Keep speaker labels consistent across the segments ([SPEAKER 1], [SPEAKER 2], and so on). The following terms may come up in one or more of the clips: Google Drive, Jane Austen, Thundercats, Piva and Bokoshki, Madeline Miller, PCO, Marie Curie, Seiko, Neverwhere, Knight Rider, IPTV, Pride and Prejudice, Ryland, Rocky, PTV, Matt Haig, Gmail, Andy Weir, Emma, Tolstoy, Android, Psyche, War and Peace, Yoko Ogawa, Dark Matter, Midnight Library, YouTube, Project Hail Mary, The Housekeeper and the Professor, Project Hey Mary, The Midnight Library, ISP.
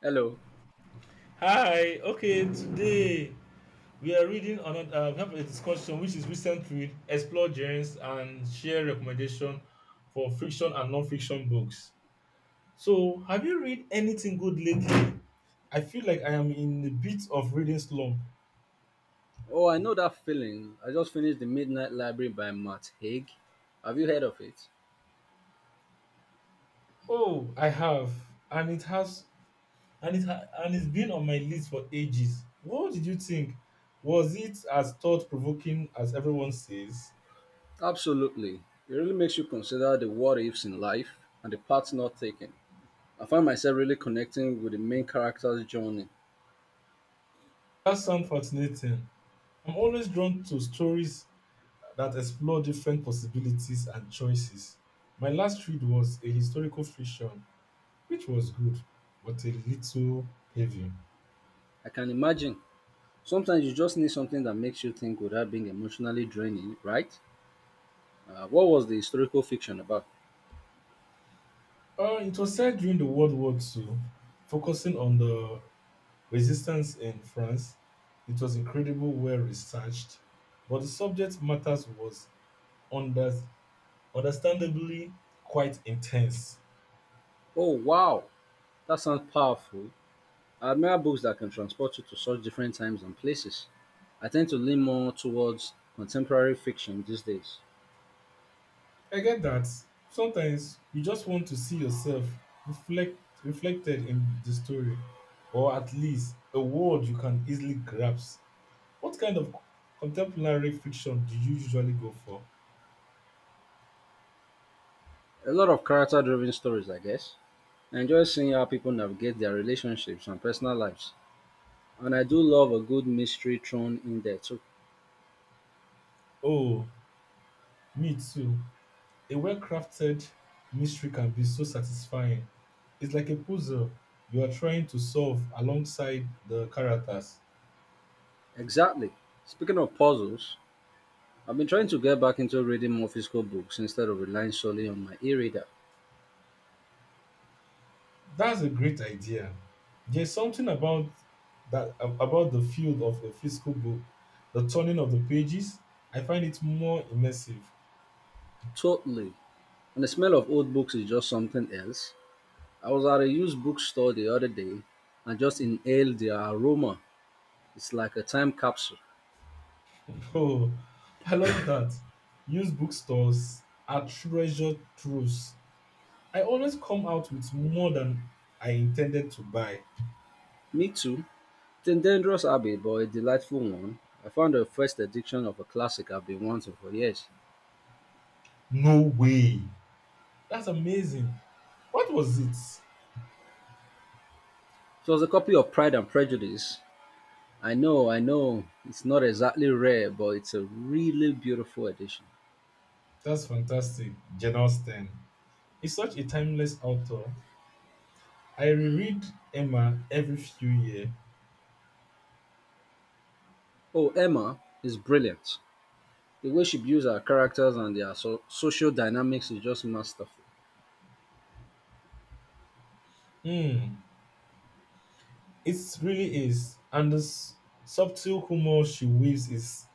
[SPEAKER 1] Hello.
[SPEAKER 2] Hi, okay, today we are reading another, we have a discussion which is recent read, explore genres, and share recommendation for fiction and non-fiction books. So, have you read anything good lately? I feel like I am in a bit of reading slump.
[SPEAKER 1] Oh, I know that feeling. I just finished The Midnight Library by Matt Haig. Have you heard of it?
[SPEAKER 2] Oh, I have, and it has, and it's been on my list for ages. What did you think? Was it as thought-provoking as everyone says?
[SPEAKER 1] Absolutely. It really makes you consider the what ifs in life and the paths not taken. I find myself really connecting with the main character's journey.
[SPEAKER 2] That sounds fascinating. I'm always drawn to stories that explore different possibilities and choices. My last read was a historical fiction which was good but a little heavy.
[SPEAKER 1] I can imagine. Sometimes you just need something that makes you think without being emotionally draining, right? What was the historical fiction about?
[SPEAKER 2] It was set during the World War Two, focusing on the resistance in France. It was incredible, well researched, but the subject matters was under, understandably quite intense.
[SPEAKER 1] Oh, wow. That sounds powerful. I admire books that can transport you to such different times and places. I tend to lean more towards contemporary fiction these days.
[SPEAKER 2] I get that. Sometimes you just want to see yourself reflected in the story, or at least a word you can easily grasp. What kind of contemporary fiction do you usually go for?
[SPEAKER 1] A lot of character driven stories, I guess. I enjoy seeing how people navigate their relationships and personal lives. And I do love a good mystery thrown in there too.
[SPEAKER 2] Oh, me too. A well-crafted mystery can be so satisfying. It's like a puzzle you are trying to solve alongside the characters.
[SPEAKER 1] Exactly. Speaking of puzzles, I've been trying to get back into reading more physical books instead of relying solely on my e reader.
[SPEAKER 2] That's a great idea. There's something about that about the feel of a physical book, the turning of the pages. I find it more immersive.
[SPEAKER 1] Totally. And the smell of old books is just something else. I was at a used bookstore the other day and just inhaled the aroma. It's like a time capsule.
[SPEAKER 2] Oh, I love that. Used bookstores are treasure troves. I always come out with more than I intended to buy.
[SPEAKER 1] Me too. It's a dangerous habit, but a delightful one. I found the first edition of a classic I've been wanting for years.
[SPEAKER 2] No way. That's amazing. What was it?
[SPEAKER 1] It was a copy of Pride and Prejudice. I know, it's not exactly rare, but it's a really beautiful edition.
[SPEAKER 2] That's fantastic. Jane Austen is such a timeless author. I reread Emma every few years.
[SPEAKER 1] Oh, Emma is brilliant. The way she builds her characters and their social dynamics is just masterful.
[SPEAKER 2] Hmm, it really is. And the subtle humor she weaves is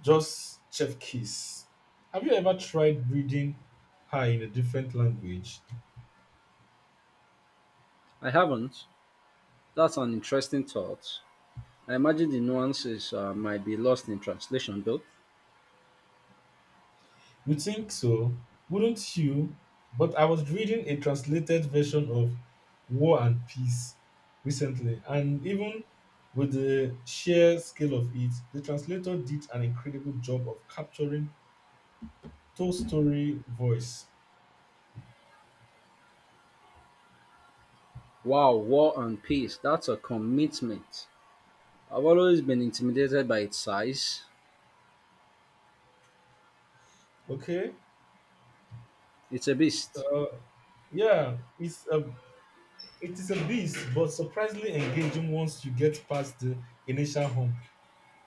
[SPEAKER 2] just chef kiss. Have you ever tried reading her in a different language?
[SPEAKER 1] I haven't. That's an interesting thought. I imagine the nuances might be lost in translation, though.
[SPEAKER 2] You think so? Wouldn't you? But I was reading a translated version of War and Peace recently, and even with the sheer scale of it, the translator did an incredible job of capturing Tolstoy story voice.
[SPEAKER 1] Wow, War and Peace, that's a commitment. I've always been intimidated by its size.
[SPEAKER 2] Okay,
[SPEAKER 1] It's a beast.
[SPEAKER 2] uh, yeah, It is a beast, but surprisingly engaging once you get past the initial hump.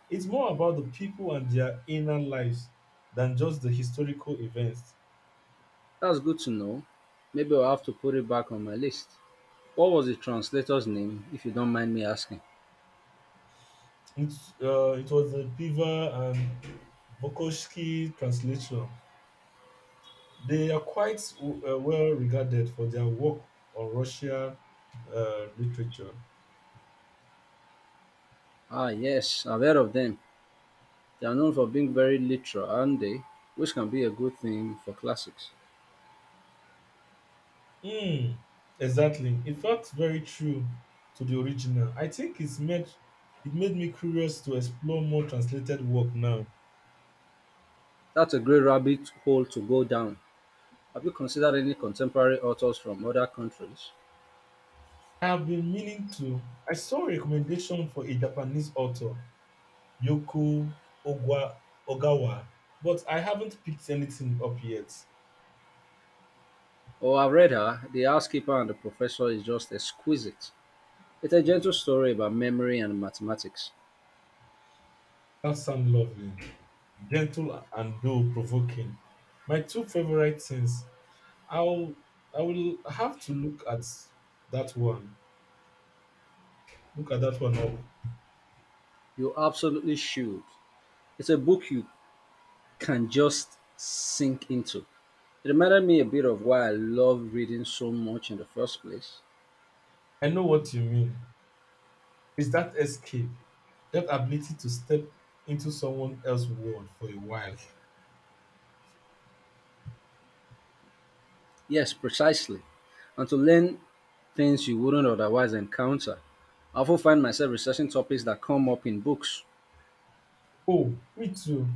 [SPEAKER 2] It's more about the people and their inner lives than just the historical events.
[SPEAKER 1] That's good to know. Maybe I'll have to put it back on my list. What was the translator's name, if you don't mind me asking?
[SPEAKER 2] It's, it was the Piva and Bokoshki translation. They are quite well regarded for their work on Russian literature.
[SPEAKER 1] Ah, yes, I've heard of them. They are known for being very literal, aren't they? Which can be a good thing for classics.
[SPEAKER 2] Mm, exactly. It felt very true to the original. I think it made me curious to explore more translated work now.
[SPEAKER 1] That's a great rabbit hole to go down. Have you considered any contemporary authors from other countries?
[SPEAKER 2] I have been meaning to. I saw a recommendation for a Japanese author, Yoko Ogwa, Ogawa, but I haven't picked anything up yet.
[SPEAKER 1] Oh, I've read her. The Housekeeper and the Professor is just exquisite. It's a gentle story about memory and mathematics.
[SPEAKER 2] That sounds lovely, gentle and though provoking. My two favorite things. I'll I will have to that one. Look at that one up.
[SPEAKER 1] You absolutely should. It's a book you can just sink into. It reminded me a bit of why I love reading so much in the first place.
[SPEAKER 2] I know what you mean. It's that escape, that ability to step into someone else's world for a while.
[SPEAKER 1] Yes, precisely. And to learn things you wouldn't otherwise encounter. I often find myself researching topics that come up in books.
[SPEAKER 2] Oh, me too.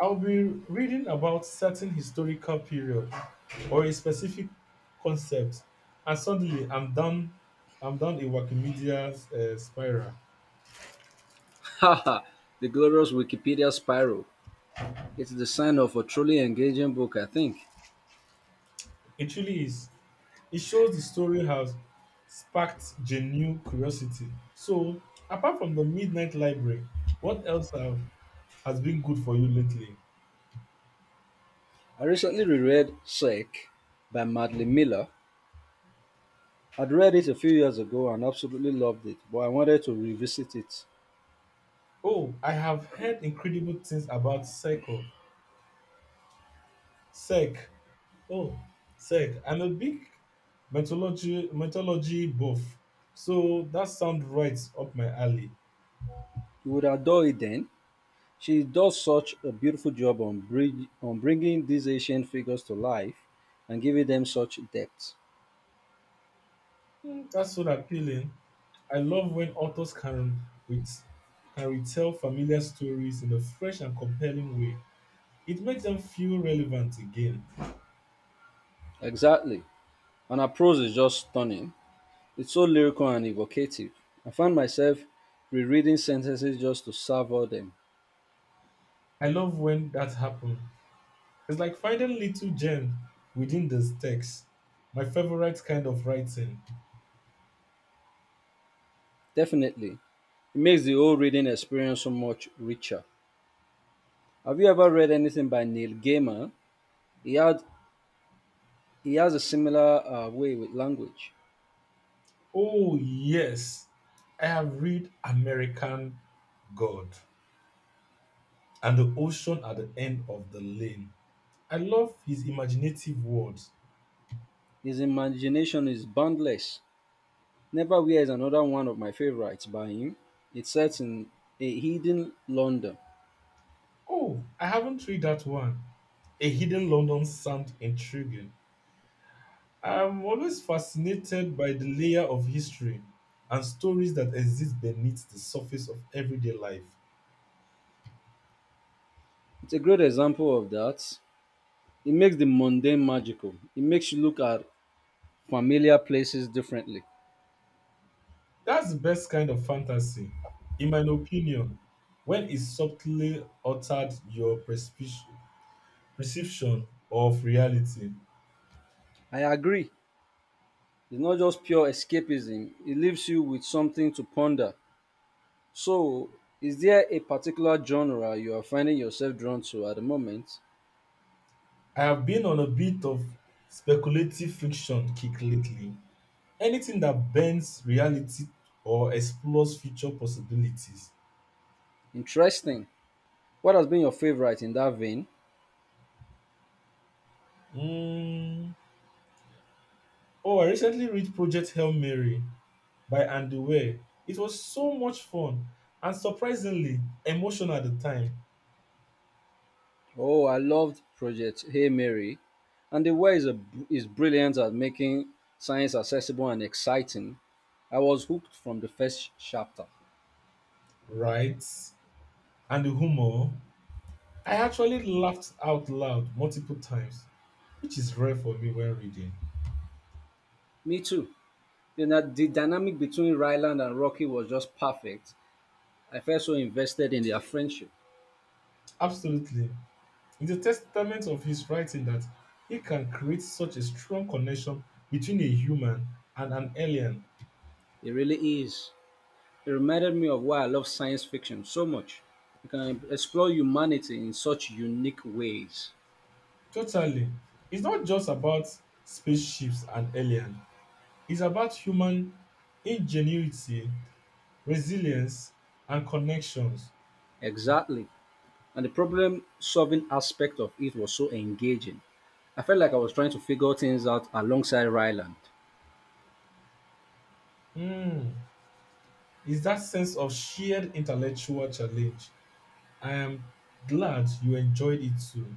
[SPEAKER 2] I'll be reading about certain historical period or a specific concept, and suddenly I'm down a Wikimedia's spiral.
[SPEAKER 1] Haha, the glorious Wikipedia spiral. It's the sign of a truly engaging book, I think.
[SPEAKER 2] It really is. It shows the story has sparked genuine curiosity. So, apart from the Midnight Library, what else have, has been good for you lately?
[SPEAKER 1] I recently reread Psyche by Madeline Miller. I'd read it a few years ago and absolutely loved it, but I wanted to revisit it.
[SPEAKER 2] Oh, I have heard incredible things about Seiko. Sec. Oh, Sec. I'm a big mythology buff, so that sounds right up my alley.
[SPEAKER 1] You would adore it then. She does such a beautiful job on on bringing these ancient figures to life and giving them such depth.
[SPEAKER 2] Hmm, that's so appealing. I love when authors can with can retell familiar stories in a fresh and compelling way. It makes them feel relevant again.
[SPEAKER 1] Exactly. And her prose is just stunning. It's so lyrical and evocative. I found myself rereading sentences just to savor them.
[SPEAKER 2] I love when that happens. It's like finding little gems within the text. My favorite kind of writing.
[SPEAKER 1] Definitely. It makes the whole reading experience so much richer. Have you ever read anything by Neil Gaiman? He had he has a similar way with language.
[SPEAKER 2] Oh, yes. I have read American God and the ocean at the end of the lane. I love his imaginative words.
[SPEAKER 1] His imagination is boundless. Neverwhere is another one of my favorites by him. It's set in a hidden London.
[SPEAKER 2] Oh, I haven't read that one. A hidden London sound intriguing. I'm always fascinated by the layer of history and stories that exist beneath the surface of everyday life.
[SPEAKER 1] It's a great example of that. It makes the mundane magical. It makes you look at familiar places differently.
[SPEAKER 2] That's the best kind of fantasy, in my opinion, when it subtly altered your perspective perception of reality.
[SPEAKER 1] I agree. It's not just pure escapism. It leaves you with something to ponder. So, is there a particular genre you are finding yourself drawn to at the moment?
[SPEAKER 2] I have been on a bit of speculative friction kick lately. Anything that bends reality or explores future possibilities.
[SPEAKER 1] Interesting. What has been your favorite in that vein?
[SPEAKER 2] Mm. Oh, I recently read Project Hail Mary by Andy Weir. It was so much fun and surprisingly emotional at the time,
[SPEAKER 1] Oh, I loved Project Hey Mary, and the way is, a, is brilliant at making science accessible and exciting. I was hooked from the first chapter.
[SPEAKER 2] right? And the humor. I actually laughed out loud multiple times, which is rare for me when reading.
[SPEAKER 1] Me too. The dynamic between Ryland and Rocky was just perfect. I felt so invested in their friendship.
[SPEAKER 2] Absolutely. It's a testament of his writing that he can create such a strong connection between a human and an alien.
[SPEAKER 1] It really is. It reminded me of why I love science fiction so much. You can explore humanity in such unique ways.
[SPEAKER 2] Totally. It's not just about spaceships and alien. It's about human ingenuity, resilience, and connections.
[SPEAKER 1] Exactly. And the problem solving aspect of it was so engaging. I felt like I was trying to figure things out alongside Ryland.
[SPEAKER 2] Mm. It's that sense of shared intellectual challenge. I am glad you enjoyed it too.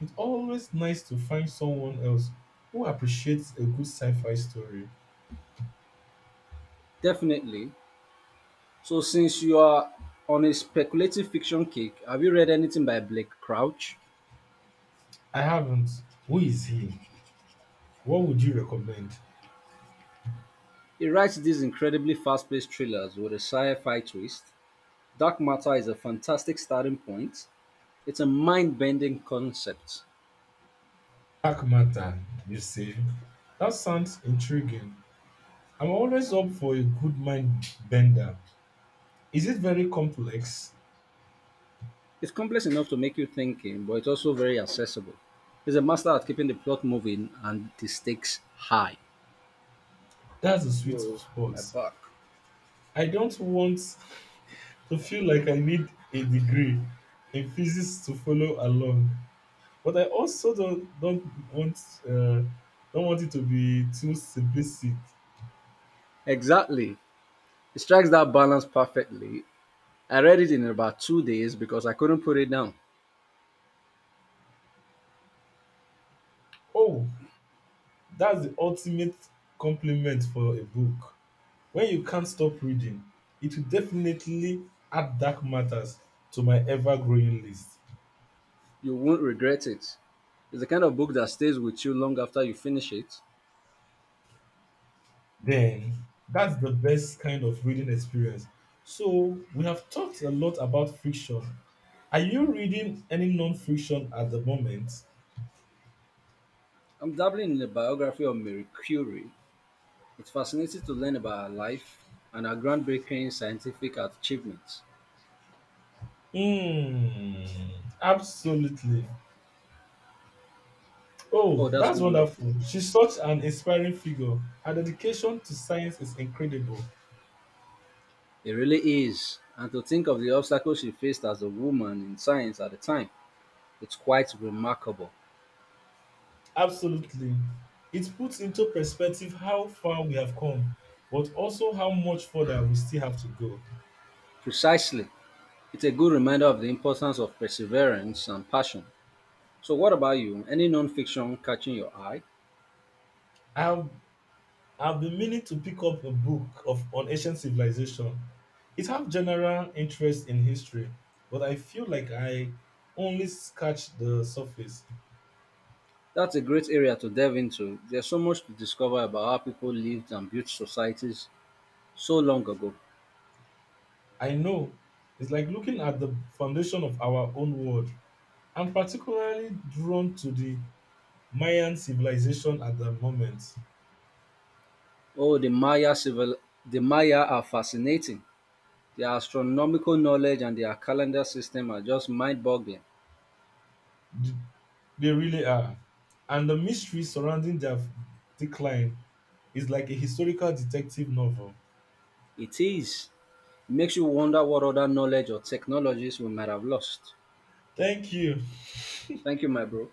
[SPEAKER 2] It's always nice to find someone else who appreciates a good sci fi story.
[SPEAKER 1] Definitely. So, since you are on a speculative fiction kick, have you read anything by Blake Crouch?
[SPEAKER 2] I haven't. Who is he? What would you recommend?
[SPEAKER 1] He writes these incredibly fast paced thrillers with a sci fi twist. Dark Matter is a fantastic starting point. It's a mind bending concept.
[SPEAKER 2] Dark Matter, you say? That sounds intriguing. I'm always up for a good mind bender. Is it very complex?
[SPEAKER 1] It's complex enough to make you thinking, but it's also very accessible. He's a master at keeping the plot moving and the stakes high.
[SPEAKER 2] That's a sweet
[SPEAKER 1] Yo,
[SPEAKER 2] spot.
[SPEAKER 1] my back.
[SPEAKER 2] I don't want to feel like I need a degree in physics to follow along, but I also uh, don't want it to be too simplistic.
[SPEAKER 1] Exactly. It strikes that balance perfectly. I read it in about 2 days because I couldn't put it down.
[SPEAKER 2] Oh, that's the ultimate compliment for a book. When you can't stop reading, it will definitely add dark matters to my ever growing list.
[SPEAKER 1] You won't regret it. It's the kind of book that stays with you long after you finish it.
[SPEAKER 2] Then, that's the best kind of reading experience. So, we have talked a lot about fiction. Are you reading any non fiction at the moment?
[SPEAKER 1] I'm dabbling in the biography of Marie Curie. It's fascinating to learn about her life and her groundbreaking scientific achievements.
[SPEAKER 2] Hmm, absolutely.
[SPEAKER 1] Oh,
[SPEAKER 2] Oh,
[SPEAKER 1] that's
[SPEAKER 2] that's
[SPEAKER 1] wonderful.
[SPEAKER 2] wonderful. She's such an inspiring figure. Her dedication to science is incredible.
[SPEAKER 1] It really is. And to think of the obstacles she faced as a woman in science at the time, it's quite remarkable.
[SPEAKER 2] Absolutely. It puts into perspective how far we have come, but also how much further we still have to go.
[SPEAKER 1] Precisely. It's a good reminder of the importance of perseverance and passion. So, what about you? Any non-fiction catching your eye?
[SPEAKER 2] I've I've been meaning to pick up a book of on ancient civilization. It have general interest in history, but I feel like I only scratch the surface.
[SPEAKER 1] That's a great area to delve into. There's so much to discover about how people lived and built societies so long ago.
[SPEAKER 2] I know it's like looking at the foundation of our own world. I'm particularly drawn to the Mayan civilization at the moment.
[SPEAKER 1] Oh, the Maya are fascinating. Their astronomical knowledge and their calendar system are just mind-boggling.
[SPEAKER 2] They really are. And the mystery surrounding their decline is like a historical detective novel.
[SPEAKER 1] It is. Makes you wonder what other knowledge or technologies we might have lost.
[SPEAKER 2] Thank you.
[SPEAKER 1] Thank you, my bro.